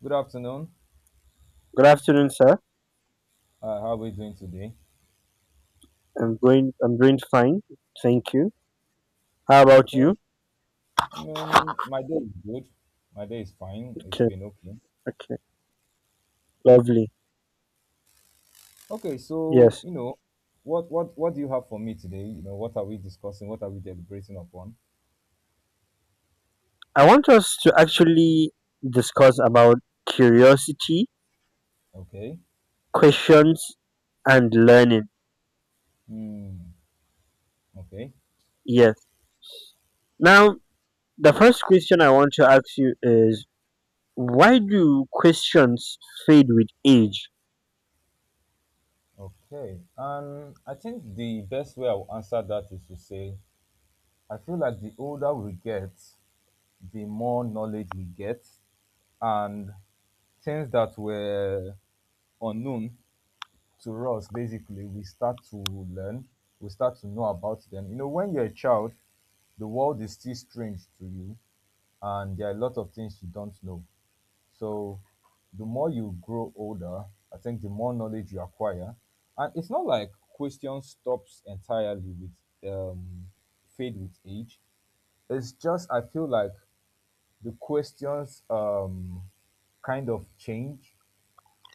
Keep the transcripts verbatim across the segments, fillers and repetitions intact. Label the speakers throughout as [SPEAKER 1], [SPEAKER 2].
[SPEAKER 1] Good afternoon.
[SPEAKER 2] Good afternoon, sir.
[SPEAKER 1] Uh, how are we doing today?
[SPEAKER 2] I'm going. I'm doing fine. Thank you. How about you?
[SPEAKER 1] Okay. I mean, my day is good. My day is fine. It's
[SPEAKER 2] Okay.
[SPEAKER 1] been okay.
[SPEAKER 2] Okay. Lovely.
[SPEAKER 1] Okay. So
[SPEAKER 2] Yes.
[SPEAKER 1] you know, what what what do you have for me today? You know, what are we discussing? What are we deliberating upon?
[SPEAKER 2] I want us to actually discuss about curiosity,
[SPEAKER 1] Okay.
[SPEAKER 2] questions, and learning.
[SPEAKER 1] Hmm. Okay.
[SPEAKER 2] Yes. Now, the first question I want to ask you is, why do questions fade with age?
[SPEAKER 1] Okay. And I think the best way I will answer that is to say, I feel like the older we get, the more knowledge we get, and things that were unknown to us basically we start to learn, we start to know about them. You know, when you're a child, the world is still strange to you, and there are a lot of things you don't know. So the more you grow older, I think the more knowledge you acquire. And it's not like question stops entirely with um fade with age. It's just I feel like the questions um kind of change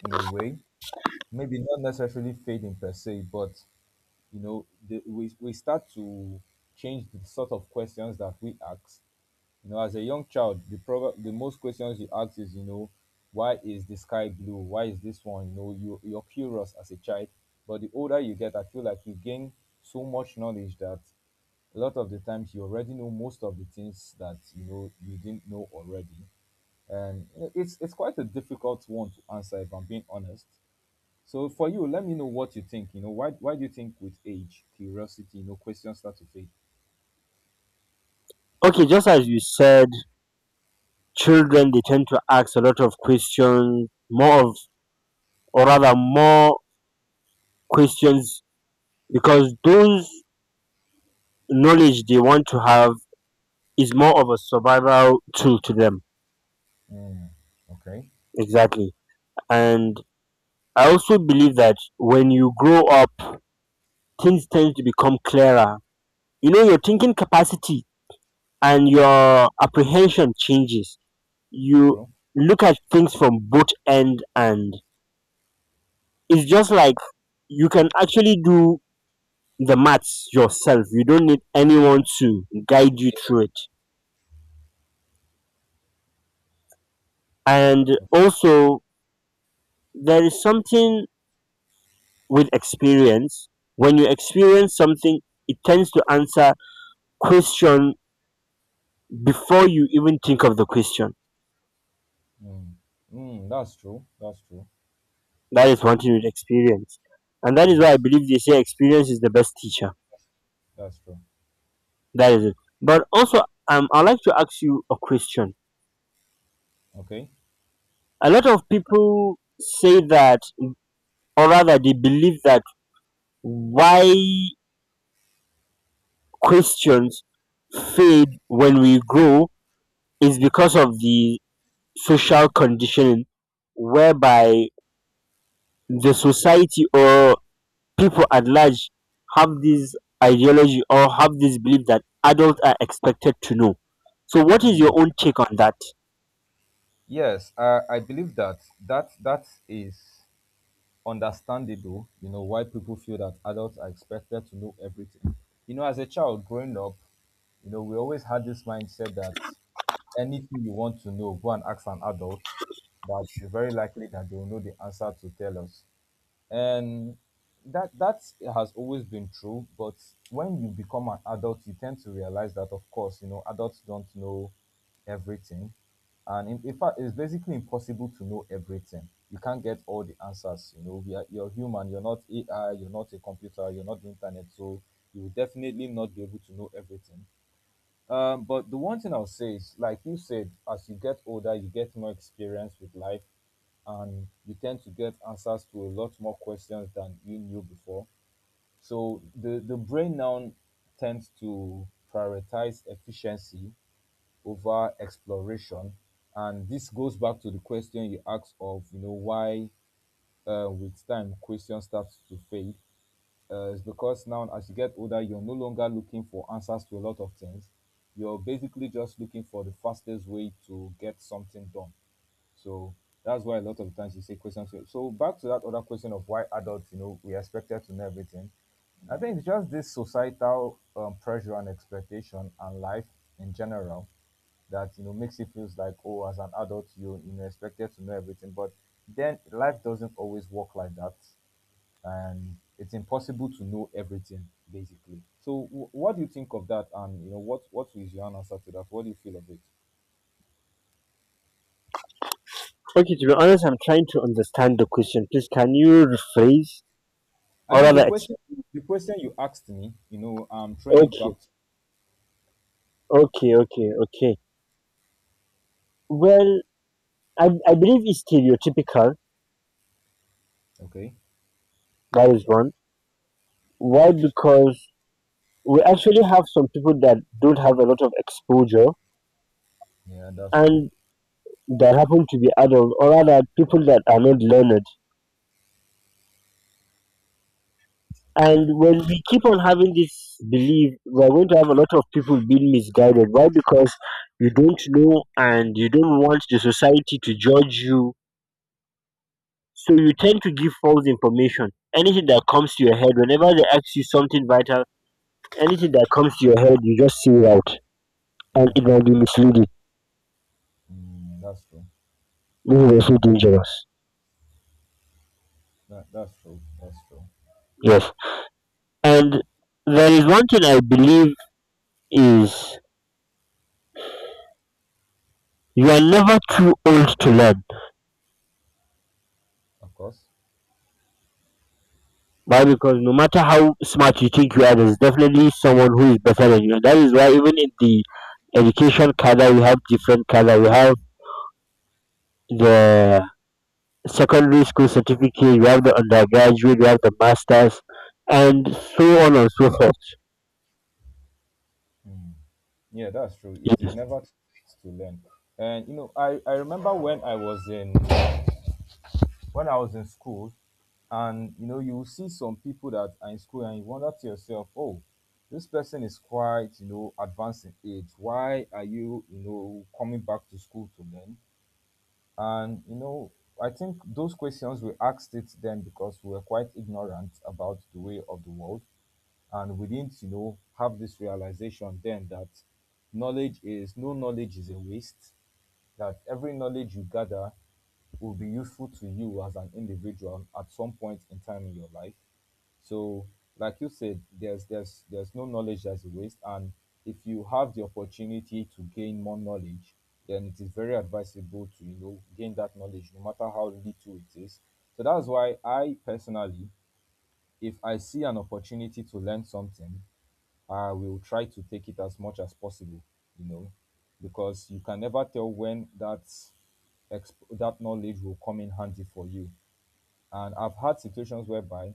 [SPEAKER 1] in a way, maybe not necessarily fading per se. But you know, the, we, we start to change the sort of questions that we ask. You know, as a young child, the prob- the most questions you ask is, you know, why is the sky blue? Why is this one? You know, you, you're curious as a child. But the older you get, I feel like you gain so much knowledge that a lot of the times you already know most of the things that you know you didn't know already. And it's it's quite a difficult one to answer if I'm being honest. So for you, let me know what you think. You know, why why do you think with age, curiosity, you know, questions start to fade?
[SPEAKER 2] Okay, just as you said, children they tend to ask a lot of questions, more of, or rather, more questions, because those knowledge they want to have is more of a survival tool to them,
[SPEAKER 1] Mm, okay.
[SPEAKER 2] exactly. And I also believe that when you grow up, things tend to become clearer. You know, your
[SPEAKER 1] Yeah,
[SPEAKER 2] thinking capacity and your apprehension changes. You
[SPEAKER 1] true.
[SPEAKER 2] look at things from both end, and it's just like you can actually do the maths yourself. You don't need anyone to guide you
[SPEAKER 1] Yeah.
[SPEAKER 2] through it. And also, there is something with experience. When you experience something, it tends to answer question before you even think of the question.
[SPEAKER 1] Mm. Mm, that's true. That's true.
[SPEAKER 2] That is one thing with experience, and that is why I
[SPEAKER 1] Yes,
[SPEAKER 2] believe they say experience is the best teacher.
[SPEAKER 1] that's true.
[SPEAKER 2] That is it. But also, um, I'd like to ask you a question.
[SPEAKER 1] Okay.
[SPEAKER 2] A lot of people say that, or rather they believe that, why questions fade when we grow is because of the social conditioning, whereby the society or people at large have this ideology, or have this belief that adults are expected to know. So, what is your
[SPEAKER 1] Mm.
[SPEAKER 2] own take on that?
[SPEAKER 1] Yes, I, I believe that that that is understandable, you know, why people feel that adults are expected to know everything. You know, as a child growing up, you know, we always had this mindset that anything you want to know, go and ask an adult, that it's very likely that they will know the answer to tell us, and that that has always been true. But when you become an adult you tend to realize that, of course, you know, adults don't know everything. And in, in fact it's basically impossible to know everything. You can't get all the answers. You know, we are, you're human, you're not AI, you're not a computer, you're not the internet, so you will definitely not be able to know everything. Um, but the one thing I'll say is, like you said, as you get older, you get more experience with life, and you tend to get answers to a lot more questions than you knew before. So the the brain now tends to prioritize efficiency over exploration, and this goes back to the question you asked of, you know, why, uh, with time questions start to fade, uh, is because now as you get older you're no longer looking for answers to a lot of things, you're basically just looking for the fastest way to get something done. So that's why a lot of times you say questions, so back to that other question of why adults, you know, we expected to know everything. I think it's just this societal um, pressure and expectation and life in general, that you know makes it feels like, oh, as an adult you, you know, expected to know everything. But then life doesn't always work like that, and it's impossible to know everything basically. So, w- what do you think of that? And you know, what what is your answer to that? What do you feel of it?
[SPEAKER 2] Okay, to be honest, I'm trying to understand the question. Please, can you rephrase
[SPEAKER 1] I
[SPEAKER 2] or
[SPEAKER 1] mean, the
[SPEAKER 2] rather, ex-
[SPEAKER 1] question the question you asked me, you know, um, train it
[SPEAKER 2] okay,
[SPEAKER 1] back. To,
[SPEAKER 2] okay, okay, okay. Well, I, I believe it's stereotypical.
[SPEAKER 1] okay,
[SPEAKER 2] That is one. Why? Because we actually have some people that don't have a lot of exposure,
[SPEAKER 1] yeah, that's true.
[SPEAKER 2] and that happen to be adults, or rather, people that are not learned.
[SPEAKER 1] Okay,
[SPEAKER 2] And when we keep on having this belief, we are going to have a lot of people being misguided. Why? Because you don't know, and you don't want the society to judge you. So you tend to give false information. Anything that comes to your head, whenever they ask you something vital, anything that comes to your head, you just say it out. And
[SPEAKER 1] yeah,
[SPEAKER 2] it might be misleading.
[SPEAKER 1] mm, that's true.
[SPEAKER 2] This is also dangerous.
[SPEAKER 1] That, that's true. That's true.
[SPEAKER 2] Yes. And there is one thing I believe is, you are never too old to learn.
[SPEAKER 1] Of course,
[SPEAKER 2] Why? Because no matter how smart you think you are, there's definitely someone who is better than you. And that is why even in the education cadre, we have different cadre. We have the secondary school certificate, we have the undergraduate, we have the masters, and so on and so forth.
[SPEAKER 1] yeah, that's true. It is never too late to learn. And you know, I I remember when I was in, when I was in school, and you know, you will see some people that are in school, and you wonder to yourself, oh, this person is quite, you know, advanced in age. Why are you, you know, coming back to school to learn? And you know, I think those questions we asked it then because we were quite ignorant about the way of the world, and we didn't, you know, have this realization then that knowledge is, no knowledge is a waste, that every knowledge you gather will be useful to you as an individual at some point in time in your life. So like you said, there's there's there's no knowledge that's a waste. And if you have the opportunity to gain more knowledge, then it is very advisable to, you know, gain that knowledge, no matter how little it is. So that's why I personally, if I see an opportunity to learn something, I will try to take it as much as possible, you know, because you can never tell when that exp- that knowledge will come in handy for you. And I've had situations whereby,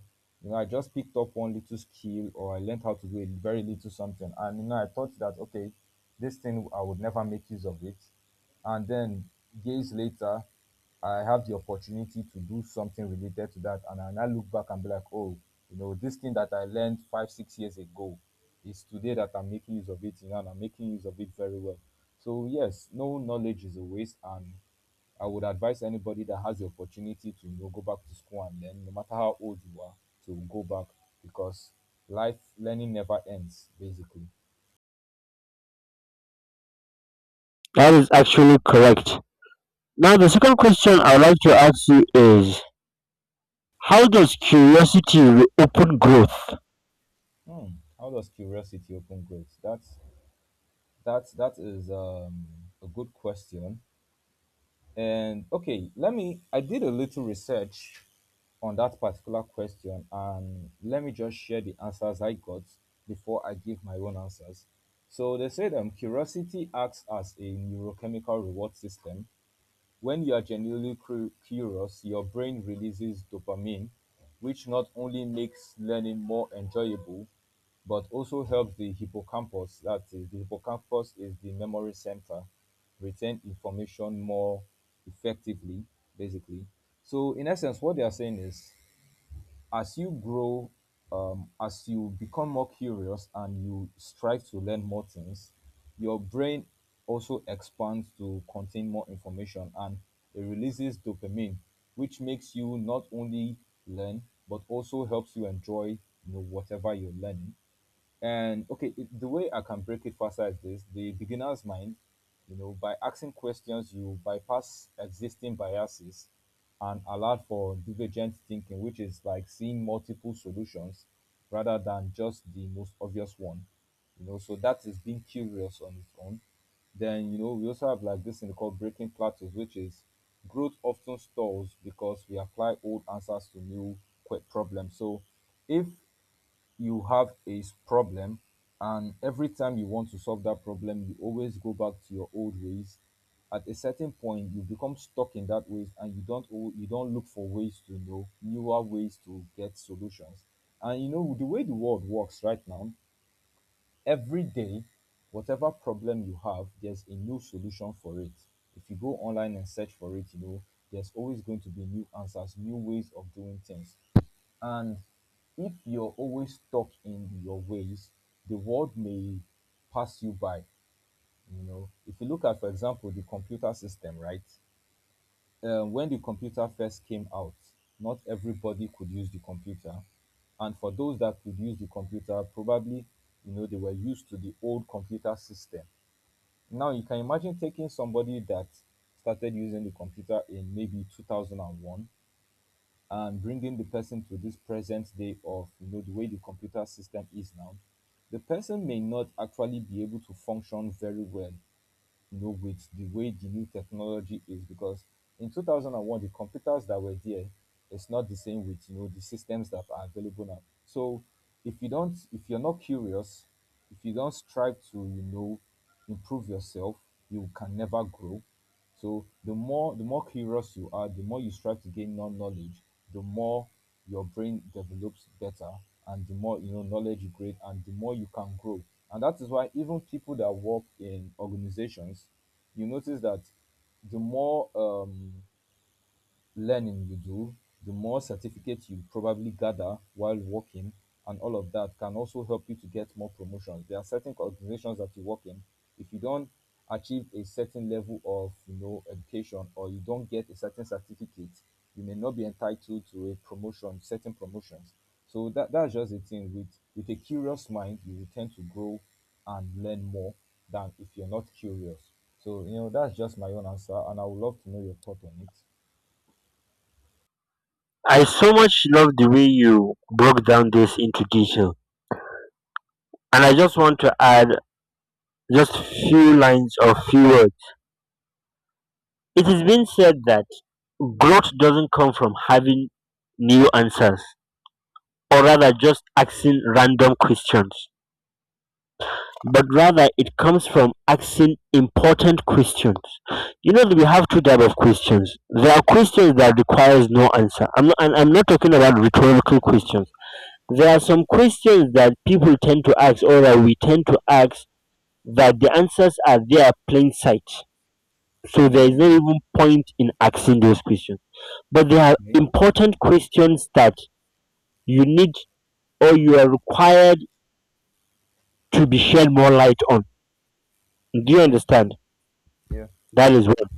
[SPEAKER 1] you know, I just picked up one little skill or I learned how to do a very little something. And, you know, I thought that, okay, this thing, I would never make use of it. And then years later, I have the opportunity to do something related to that. And I now look back and be like, oh, you know, this thing that I learned five, six years ago is today that I'm making use of it, you know, and I'm making use of it very well. So, yes, no knowledge is a waste. And I would advise anybody that has the opportunity to, you know, go back to school and learn, no matter how old you are, to go back, because life learning never ends. Basically,
[SPEAKER 2] That is actually correct. Now, the second question I would like to ask you is, how does curiosity reopen growth?
[SPEAKER 1] hmm. How does curiosity open grades? That's, that that is um, a good question. And okay, let me. I did a little research on that particular question, and let me just share the answers I got before I give my own answers. So they said, um, curiosity acts as a neurochemical reward system. When you are genuinely cru- curious, your brain releases dopamine, which not only makes learning more enjoyable, but also helps the hippocampus, that is, the hippocampus is the memory center, retain information more effectively, basically. So, in essence, what they are saying is, as you grow, um, as you become more curious and you strive to learn more things, your brain also expands to contain more information, and it releases dopamine, which makes you not only learn but also helps you enjoy, you know, whatever you're learning. And okay, it, the way I can break it faster is this: the beginner's mind, you know, by asking questions, you bypass existing biases and allow for divergent thinking, which is like seeing multiple solutions rather than just the most obvious one. You know, so that is being curious on its own. Then you know we also have like this thing called breaking plateaus, which is, growth often stalls because we apply old answers to new quick problems. So if you have a s- problem, and every time you want to solve that problem you always go back to your old ways, at a certain point you become stuck in that ways and you don't al- you don't look for ways to know newer ways to get solutions. And you know the way the world works right now, every day, whatever problem you have there's a new solution for it. If you go online and search for it, you know, there's always going to be new answers, new ways of doing things. And if you're always stuck in your ways, the world may pass you by. You know, if you look at, for example, the computer system, right? Um, when the computer first came out, not everybody could use the computer, and for those that could use the computer, probably, you know, they were used to the old computer system. Now you can imagine taking somebody that started using the computer in maybe two thousand one and bringing the person to this present day of, you know, the way the computer system is now. The person may not actually be able to function very well, you know, with the way the new technology is, because in two thousand one the computers that were there, it's not the same with, you know, the systems that are available now. So if you don't, if you're not curious, if you don't strive to, you know, improve yourself, you can never grow. So the more the more curious you are, the more you strive to gain non knowledge, the more your brain develops better, and the more, you know, knowledge you create, and the more you can grow. And that is why even people that work in organizations, you notice that the more um, learning you do, the more certificates you probably gather while working, and all of that can also help you to get more promotions. There are certain organizations that you work in. If you don't achieve a certain level of you know education or you don't get a certain certificate, you may not be entitled to a promotion, certain promotions. So that that's just the thing. With with a curious mind, you will tend to grow and learn more than if you're not curious. So you know that's just my own answer, and I would love to know your thought on it.
[SPEAKER 2] I so much love the way you broke down this into detail. And I just want to add just few lines or few words. It has been said that growth doesn't come from having new answers, or rather just asking random questions, but rather it comes from asking important questions. You know that we have two type of questions. There are questions that requires no answer. I'm not, and I'm not talking about rhetorical questions. There are
[SPEAKER 1] Yes.
[SPEAKER 2] some questions that people tend to ask, or that we tend to ask, that the answers are there plain sight. So there is no
[SPEAKER 1] Mm,
[SPEAKER 2] even point in asking those questions. But there are
[SPEAKER 1] okay.
[SPEAKER 2] important questions that you need, or you are required, to be shed more light on. Do you
[SPEAKER 1] Okay.
[SPEAKER 2] understand?
[SPEAKER 1] Yeah.
[SPEAKER 2] That is one.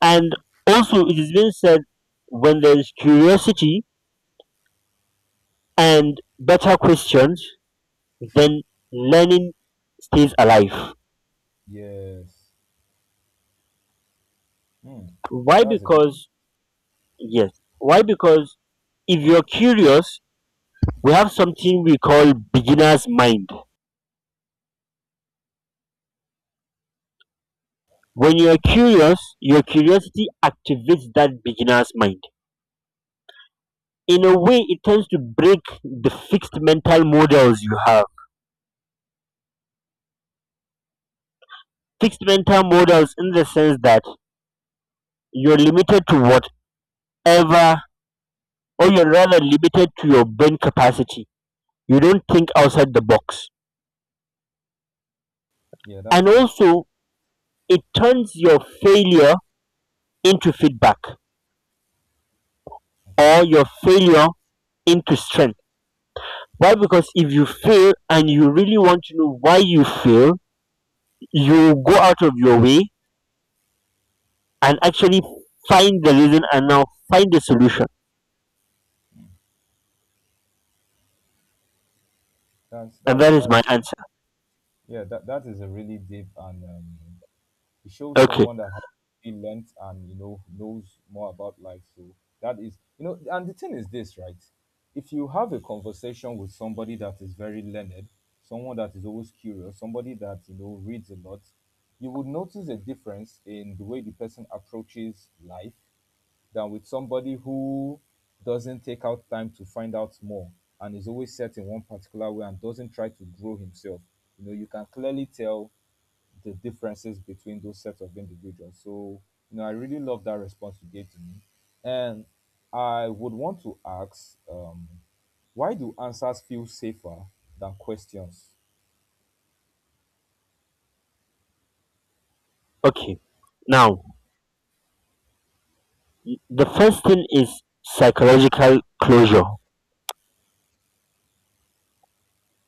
[SPEAKER 2] And also, it has been said, when there is curiosity and better questions, then learning stays alive.
[SPEAKER 1] Yes. Hmm. That
[SPEAKER 2] Why?
[SPEAKER 1] that's a bit.
[SPEAKER 2] Because, yes, why? Because if you're curious, we have something we call beginner's mind. When you are curious, your curiosity activates that beginner's mind. In a way, it tends to break the fixed mental models you have. Fixed mental models in the sense that you're limited to whatever, or you're rather limited to your brain capacity. You don't think outside the box.
[SPEAKER 1] Yeah, that's
[SPEAKER 2] And
[SPEAKER 1] true.
[SPEAKER 2] also, it turns your failure into feedback,
[SPEAKER 1] Okay.
[SPEAKER 2] or your failure into strength. Why? Because if you fail and you really want to know why you fail, you go out of your way and actually
[SPEAKER 1] Yeah.
[SPEAKER 2] find the reason, and now find the solution.
[SPEAKER 1] That's
[SPEAKER 2] And
[SPEAKER 1] that's
[SPEAKER 2] that is my
[SPEAKER 1] that's
[SPEAKER 2] answer.
[SPEAKER 1] yeah. That that is a really deep and um, it shows
[SPEAKER 2] Okay,
[SPEAKER 1] someone that has really learned and you know knows more about life. So that is, you know, and the thing is this, right? If you have a conversation with somebody that is very learned, someone that is always curious, somebody that you know reads a lot, you would notice a difference in the way the person approaches life than with somebody who doesn't take out time to find out more and is always set in one particular way and doesn't try to grow himself. You know, you can clearly tell the differences between those sets of individuals. So, you know, I really love that response you gave to me. And I would want to ask, um, why do answers feel safer than questions?
[SPEAKER 2] okay. Now, the first thing is psychological closure.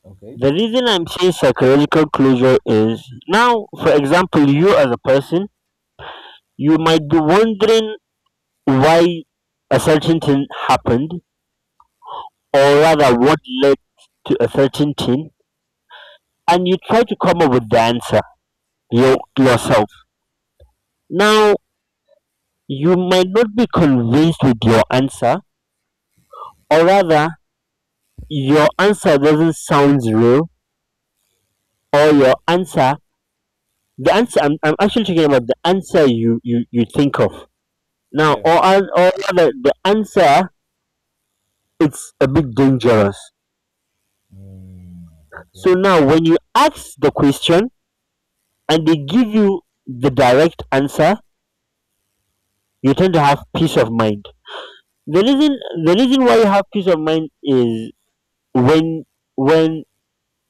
[SPEAKER 1] Okay,
[SPEAKER 2] The reason I'm saying psychological closure is, now, for example, you as a person, you might be wondering why a certain thing happened, or rather, what led to a certain thing, and you try to come up with the answer your, yourself. Now, you might not be convinced with your answer, or rather, your answer doesn't sound real, or
[SPEAKER 1] okay,
[SPEAKER 2] your answer, the answer, I'm, I'm actually talking about the answer you, you, you think of. Now,
[SPEAKER 1] yeah,
[SPEAKER 2] or, or rather, the answer, it's a bit dangerous.
[SPEAKER 1] mm, okay,
[SPEAKER 2] So now, when you ask the question and they give you the direct answer, you tend to have peace of mind. The reason, the reason why you have peace of mind is, when, when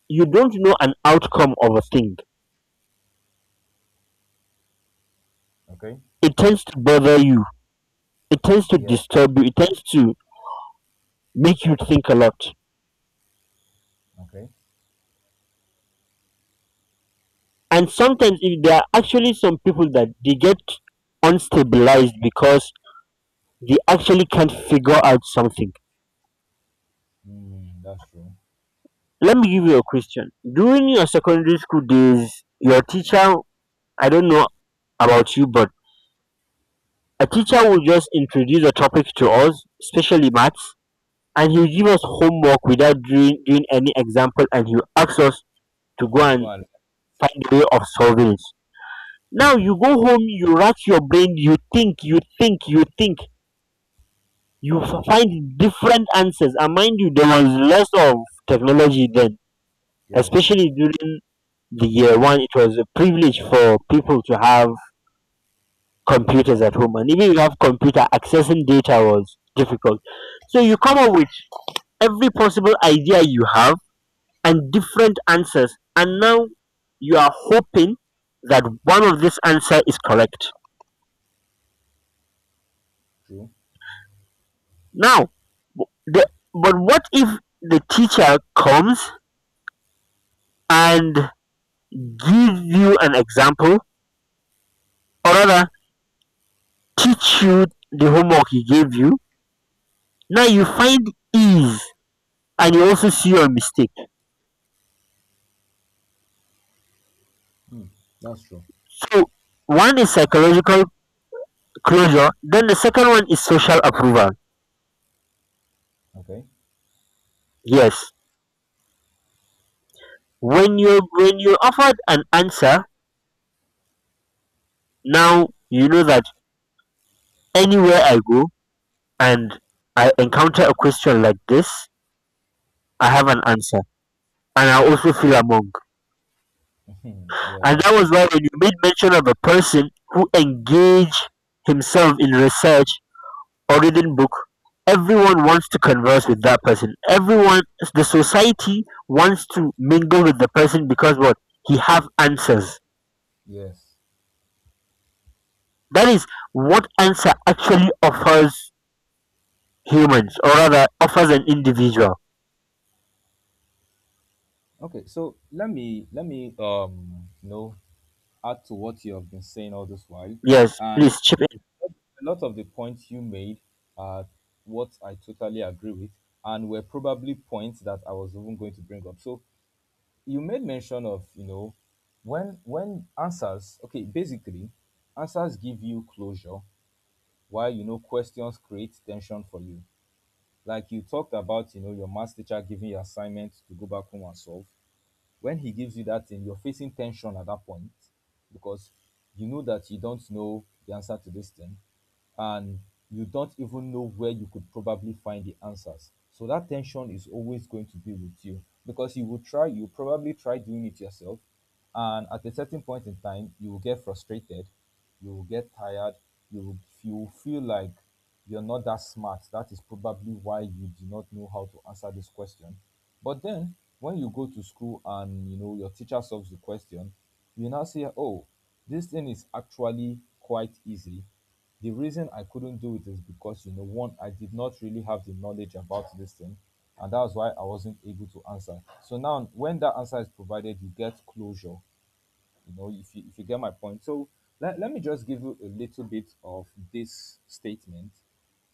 [SPEAKER 2] you don't know an outcome of a thing,
[SPEAKER 1] okay,
[SPEAKER 2] it tends to bother you, it tends to
[SPEAKER 1] yeah,
[SPEAKER 2] disturb you, it tends to make you think a lot.
[SPEAKER 1] okay,
[SPEAKER 2] And sometimes if there are actually some people that they get unstabilized because they actually can't figure out something.
[SPEAKER 1] mm, that's true.
[SPEAKER 2] Let me give you a question. During your secondary school days, your teacher, I don't know about you, but a teacher will just introduce a topic to us, especially maths, and he'll give us homework without doing, doing any example, and he'll ask us to go
[SPEAKER 1] So go
[SPEAKER 2] and
[SPEAKER 1] and.
[SPEAKER 2] find a way of solving it. Now you go home, you rack your brain, you think you think you think, you f- find different answers, and mind you, there was less of technology then,
[SPEAKER 1] Yes,
[SPEAKER 2] especially during the year one. It was a privilege for people to have computers at
[SPEAKER 1] completely
[SPEAKER 2] home, and even if you have computer, accessing data was difficult. So you come up with every possible idea you have, and different answers, and now you are hoping that one of this answer is correct.
[SPEAKER 1] true.
[SPEAKER 2] Now, the, but what if the teacher comes and give you an example, or rather, teach you the homework he gave you? Now you find ease, and you also see your mistake.
[SPEAKER 1] Hmm, that's true.
[SPEAKER 2] So one is psychological closure. Then the second one is social approval.
[SPEAKER 1] Okay.
[SPEAKER 2] Yes, when you when you offered an answer, now you know that anywhere I go and I encounter a question like this, I have an answer, and I also feel among.
[SPEAKER 1] Hmm. Yeah,
[SPEAKER 2] And
[SPEAKER 1] that's
[SPEAKER 2] that
[SPEAKER 1] true.
[SPEAKER 2] was why when you made mention of a person who engaged himself in research or reading book, everyone wants to converse with that person. Everyone, the society wants to mingle with the person, because what, he have answers.
[SPEAKER 1] Yes.
[SPEAKER 2] That is what answer actually offers humans, or rather offers an individual.
[SPEAKER 1] Okay. So let me let me um you know add to what you have been saying all this while,
[SPEAKER 2] Yes,
[SPEAKER 1] and
[SPEAKER 2] please chip
[SPEAKER 1] a lot of the points you made are what I totally agree with, and were probably points that I was even going to bring up. So you made mention of, you know when when answers, okay, basically answers give you closure, while you know questions create tension for you, like you talked about, you know your maths teacher giving you assignment to go back home and solve. When he gives you that thing, you're facing tension at that point, because you know that you don't know the answer to this thing, and you don't even know where you could probably find the answers. So that tension is always going to be with you, because you will try, you probably try doing it yourself. And at a certain point in time, you will get frustrated, you will get tired, you will, you will feel like you're not that smart. That is probably why you do not know how to answer this question. But then, when you go to school and you know your teacher solves the question, you now say, "Oh, this thing is actually quite easy. The reason I couldn't do it is because, you know, one, I did not really have the knowledge about this thing, and that's why I wasn't able to answer." So now, when that answer is provided, you get closure. You know, if you, if you get my point. So let, let me just give you a little bit of this statement.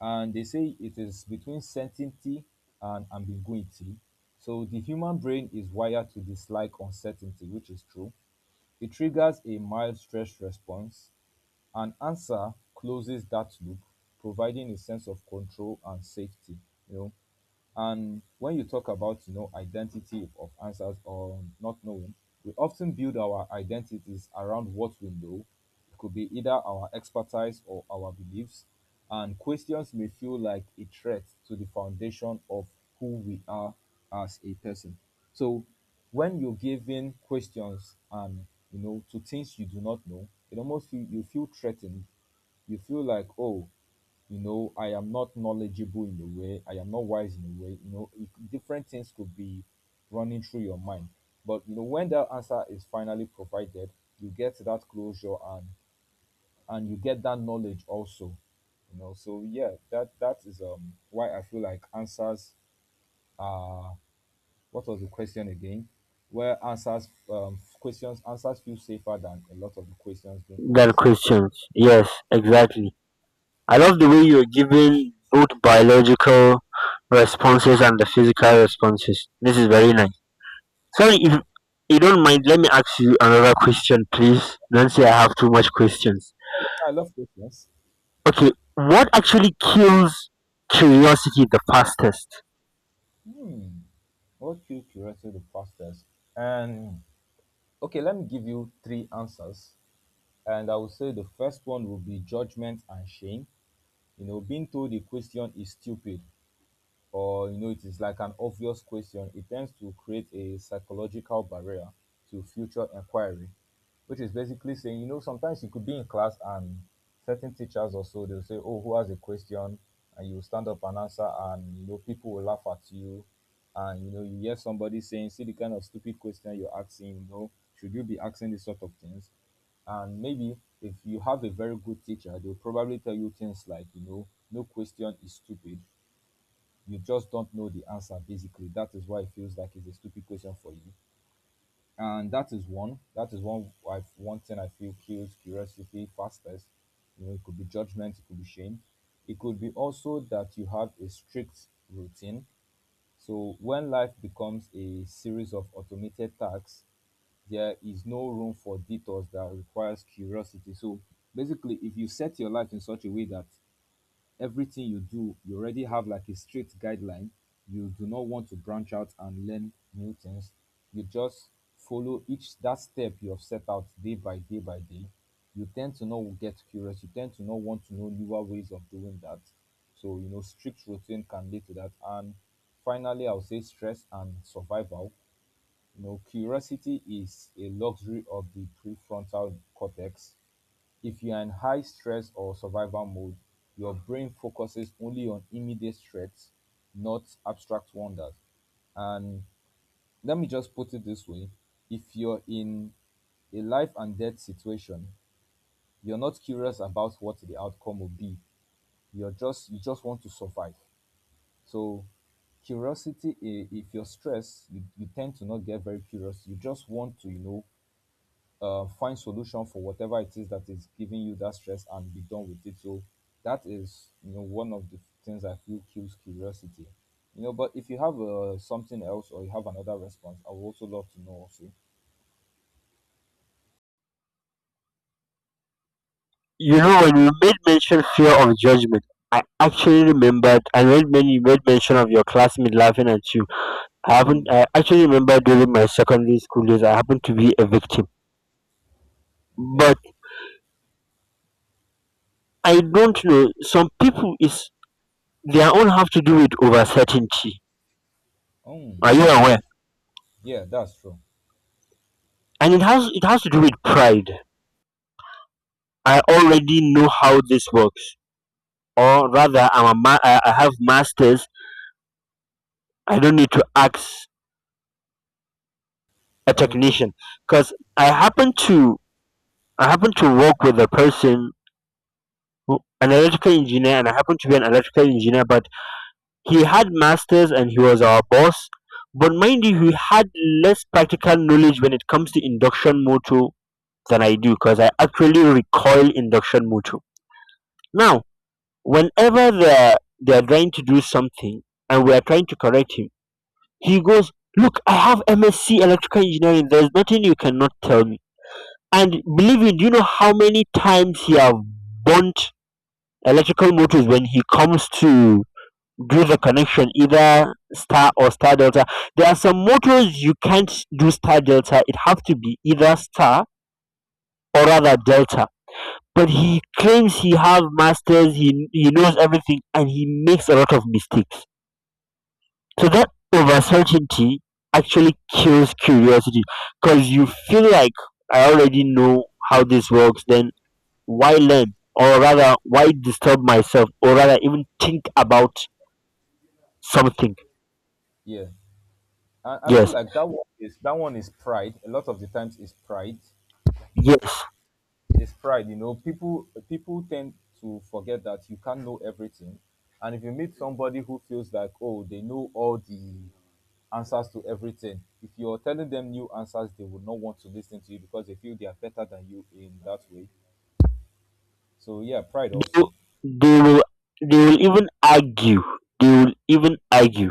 [SPEAKER 1] And they say it is between certainty and ambiguity. So the human brain is wired to dislike uncertainty, which is true. It triggers a mild stress response. An answer closes that loop, providing a sense of control and safety. You know, and when you talk about, you know, identity of answers or not knowing, we often build our identities around what we know. It could be either our expertise or our beliefs. And questions may feel like a threat to the foundation of who we are as a person. So when you're given questions and, you know to things you do not know, it almost feel, you feel threatened, you feel like, oh, you know I am not knowledgeable in a way, I am not wise in a way, you know it, different things could be running through your mind. But you know when that answer is finally provided, you get that closure, and and you get that knowledge also. You know so yeah, that that is um why I feel like answers are, what was the question again? Where answers, um questions, answers feel safer than a lot of the questions being
[SPEAKER 2] in, girl
[SPEAKER 1] asked.
[SPEAKER 2] Christians. Yes, exactly. I love the way you're giving both biological responses and the physical responses. This is very nice. Sorry, if you don't mind, let me ask you another question, please. Don't say I have too much questions.
[SPEAKER 1] Oh, I love questions.
[SPEAKER 2] Okay, what actually kills curiosity the fastest?
[SPEAKER 1] Hmm. Okay, okay, right. So the fastest. And okay, let me give you three answers. And I will say the first one will be judgment and shame. You know, being told a question is stupid, or you know it is like an obvious question, it tends to create a psychological barrier to future inquiry, which is basically saying, you know, sometimes you could be in class and certain teachers or so, they'll say, "Oh, who has a question?" And you stand up and answer, and you know people will laugh at you, and you know you hear somebody saying, "See the kind of stupid question you're asking, you know, should you be asking these sort of things?" And maybe if you have a very good teacher, they'll probably tell you things like, you know no question is stupid, you just don't know the answer. Basically, that is why it feels like it's a stupid question for you. And that is one, that is one, I, one thing I feel kills curiosity fastest. You know it could be judgment, it could be shame. It could be also that you have a strict routine. So when life becomes a series of automated tasks, there is no room for detours that requires curiosity. So basically, if you set your life in such a way that everything you do, you already have like a strict guideline, you do not want to branch out and learn new things. You just follow each that step you have set out day by day by day. You tend to not get curious. You tend to not want to know newer ways of doing that. So you know, strict routine can lead to that. And finally, I would say stress and survival. You know, curiosity is a luxury of the prefrontal cortex. If you are in high stress or survival mode, your brain focuses only on immediate threats, not abstract wonders. And let me just put it this way. If you're in a life and death situation, you're not curious about what the outcome will be. You're just you just want to survive. So curiosity, i- if you're stressed, you, you tend to not get very curious. You just want to, you know, uh, find solution for whatever it is that is giving you that stress and be done with it. So that is, you know one of the things I feel kills curiosity. You know but if you have uh, something else or you have another response, I would also love to know also.
[SPEAKER 2] You know, when you made mention fear of judgment, I actually remembered. I read when you made mention of your classmate laughing at you. I haven't.
[SPEAKER 1] Mm.
[SPEAKER 2] I actually remember during my secondary school days, I happened to be a victim,
[SPEAKER 1] Okay.
[SPEAKER 2] but I don't know. Some people is their own have to do with over certainty.
[SPEAKER 1] Um,
[SPEAKER 2] Are you
[SPEAKER 1] that's
[SPEAKER 2] aware?
[SPEAKER 1] true. Yeah, that's true.
[SPEAKER 2] And it has it has to do with pride. I already know how this works, or rather, I'm a ma- I I have masters. I don't need to ask a
[SPEAKER 1] Any
[SPEAKER 2] technician
[SPEAKER 1] question?
[SPEAKER 2] because I happen to I happen to work with a person, who, an electrical engineer, and I happen to be an electrical engineer. But he had masters and he was our boss. But mind you, he had less practical knowledge when it comes to induction motor than I do, because I actually recoil induction motor. Now, whenever they're they're trying to do something and we are trying to correct him, he goes, "Look, I have M S c electrical engineering, there's nothing you cannot tell me." And believe me, do you know how many times he have burnt electrical motors when he comes to do the connection, either star or star delta. There are some motors you can't do star delta, it have to be either star or rather delta. But he claims he have masters, he, he knows everything, and he makes a lot of mistakes. So that over certainty actually kills curiosity, because you feel like, I already know how this works, then why learn, or rather, why disturb myself, or rather even think about something.
[SPEAKER 1] Yeah. I, I feel
[SPEAKER 2] Yes,
[SPEAKER 1] like that one is that one is pride. A lot of the times is pride.
[SPEAKER 2] yes,
[SPEAKER 1] It's pride. you know people people tend to forget that you can't know everything. And if you meet somebody who feels like, oh, they know all the answers to everything, if you're telling them new answers, they will not want to listen to you, because they feel they are better than you in that way. So yeah, pride
[SPEAKER 2] they,
[SPEAKER 1] also.
[SPEAKER 2] will- they will they will even argue, they will even argue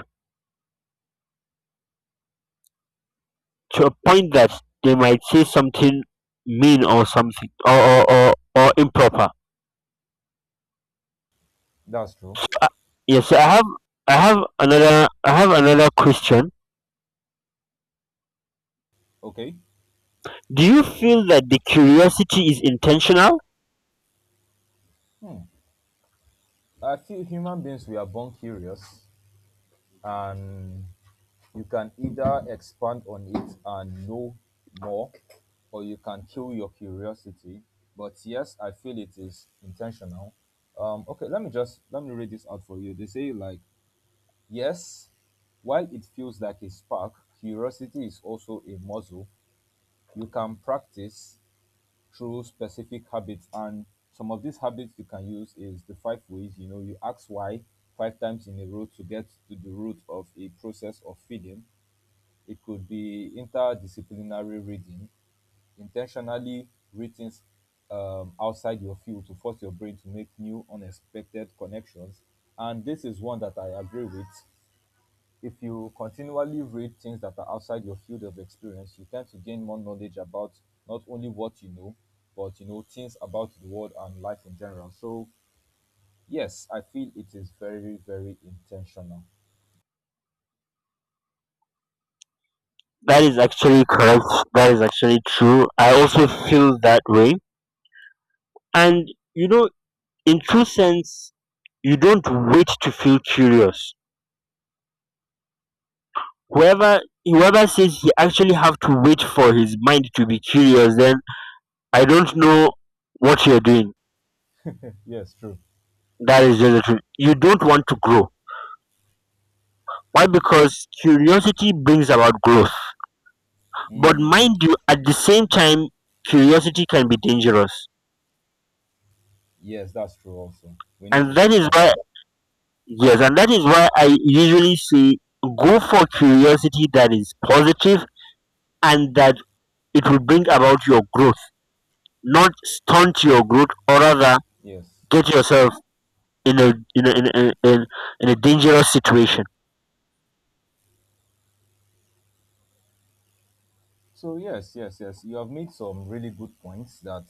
[SPEAKER 2] to a point that they might say something mean, or something, or or, or, or improper.
[SPEAKER 1] That's true.
[SPEAKER 2] Yes, so I have I have another I have another question.
[SPEAKER 1] Okay,
[SPEAKER 2] Do you feel that the curiosity is intentional?
[SPEAKER 1] I feel human beings, we are born curious, and you can either expand on it and know more, or you can kill your curiosity. But yes, I feel it is intentional. Um, okay, let me just let me read this out for you. They say, like, yes, while it feels like a spark, curiosity is also a muscle you can practice through specific habits. And some of these habits you can use is the five ways. You know, you ask why five times in a row to get to the root of a process of feeling. It could be interdisciplinary reading, intentionally written um, outside your field to force your brain to make new, unexpected connections. And this is one that I agree with. If you continually read things that are outside your field of experience, you tend to gain more knowledge about not only what you know, but you know things about the world and life in general. So yes, I feel it is very, very intentional.
[SPEAKER 2] That is actually correct. That is actually true. I also feel that way. And you know, in true sense, you don't wait to feel curious. whoever Whoever says he actually have to wait for his mind to be curious, then I don't know what you're doing.
[SPEAKER 1] Yes, true.
[SPEAKER 2] That is just the truth. You don't want to grow. Why? Because curiosity brings about growth. But mind
[SPEAKER 1] Mm,
[SPEAKER 2] you, at the same time, curiosity can be dangerous.
[SPEAKER 1] yes, that's true. Also, we need
[SPEAKER 2] And
[SPEAKER 1] to
[SPEAKER 2] that
[SPEAKER 1] think
[SPEAKER 2] is why,
[SPEAKER 1] about.
[SPEAKER 2] yes, and that is why I usually say, go for curiosity that is positive, and that it will bring about your growth, not stunt your growth, or rather
[SPEAKER 1] Yes,
[SPEAKER 2] get
[SPEAKER 1] yes.
[SPEAKER 2] yourself in a in a in a in, in a dangerous situation.
[SPEAKER 1] So yes, yes, yes. You have made some really good points that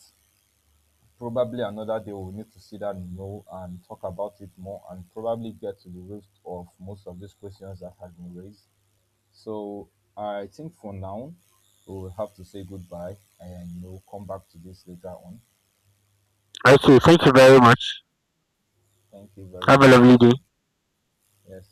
[SPEAKER 1] probably another day we'll need to sit down and know and talk about it more, and probably get to the root of most of these questions that have been raised. So I think for now, we will have to say goodbye and you know come back to this later on.
[SPEAKER 2] Okay, thank you very much.
[SPEAKER 1] Thank you very
[SPEAKER 2] Have a
[SPEAKER 1] much
[SPEAKER 2] lovely day.
[SPEAKER 1] also. Yes.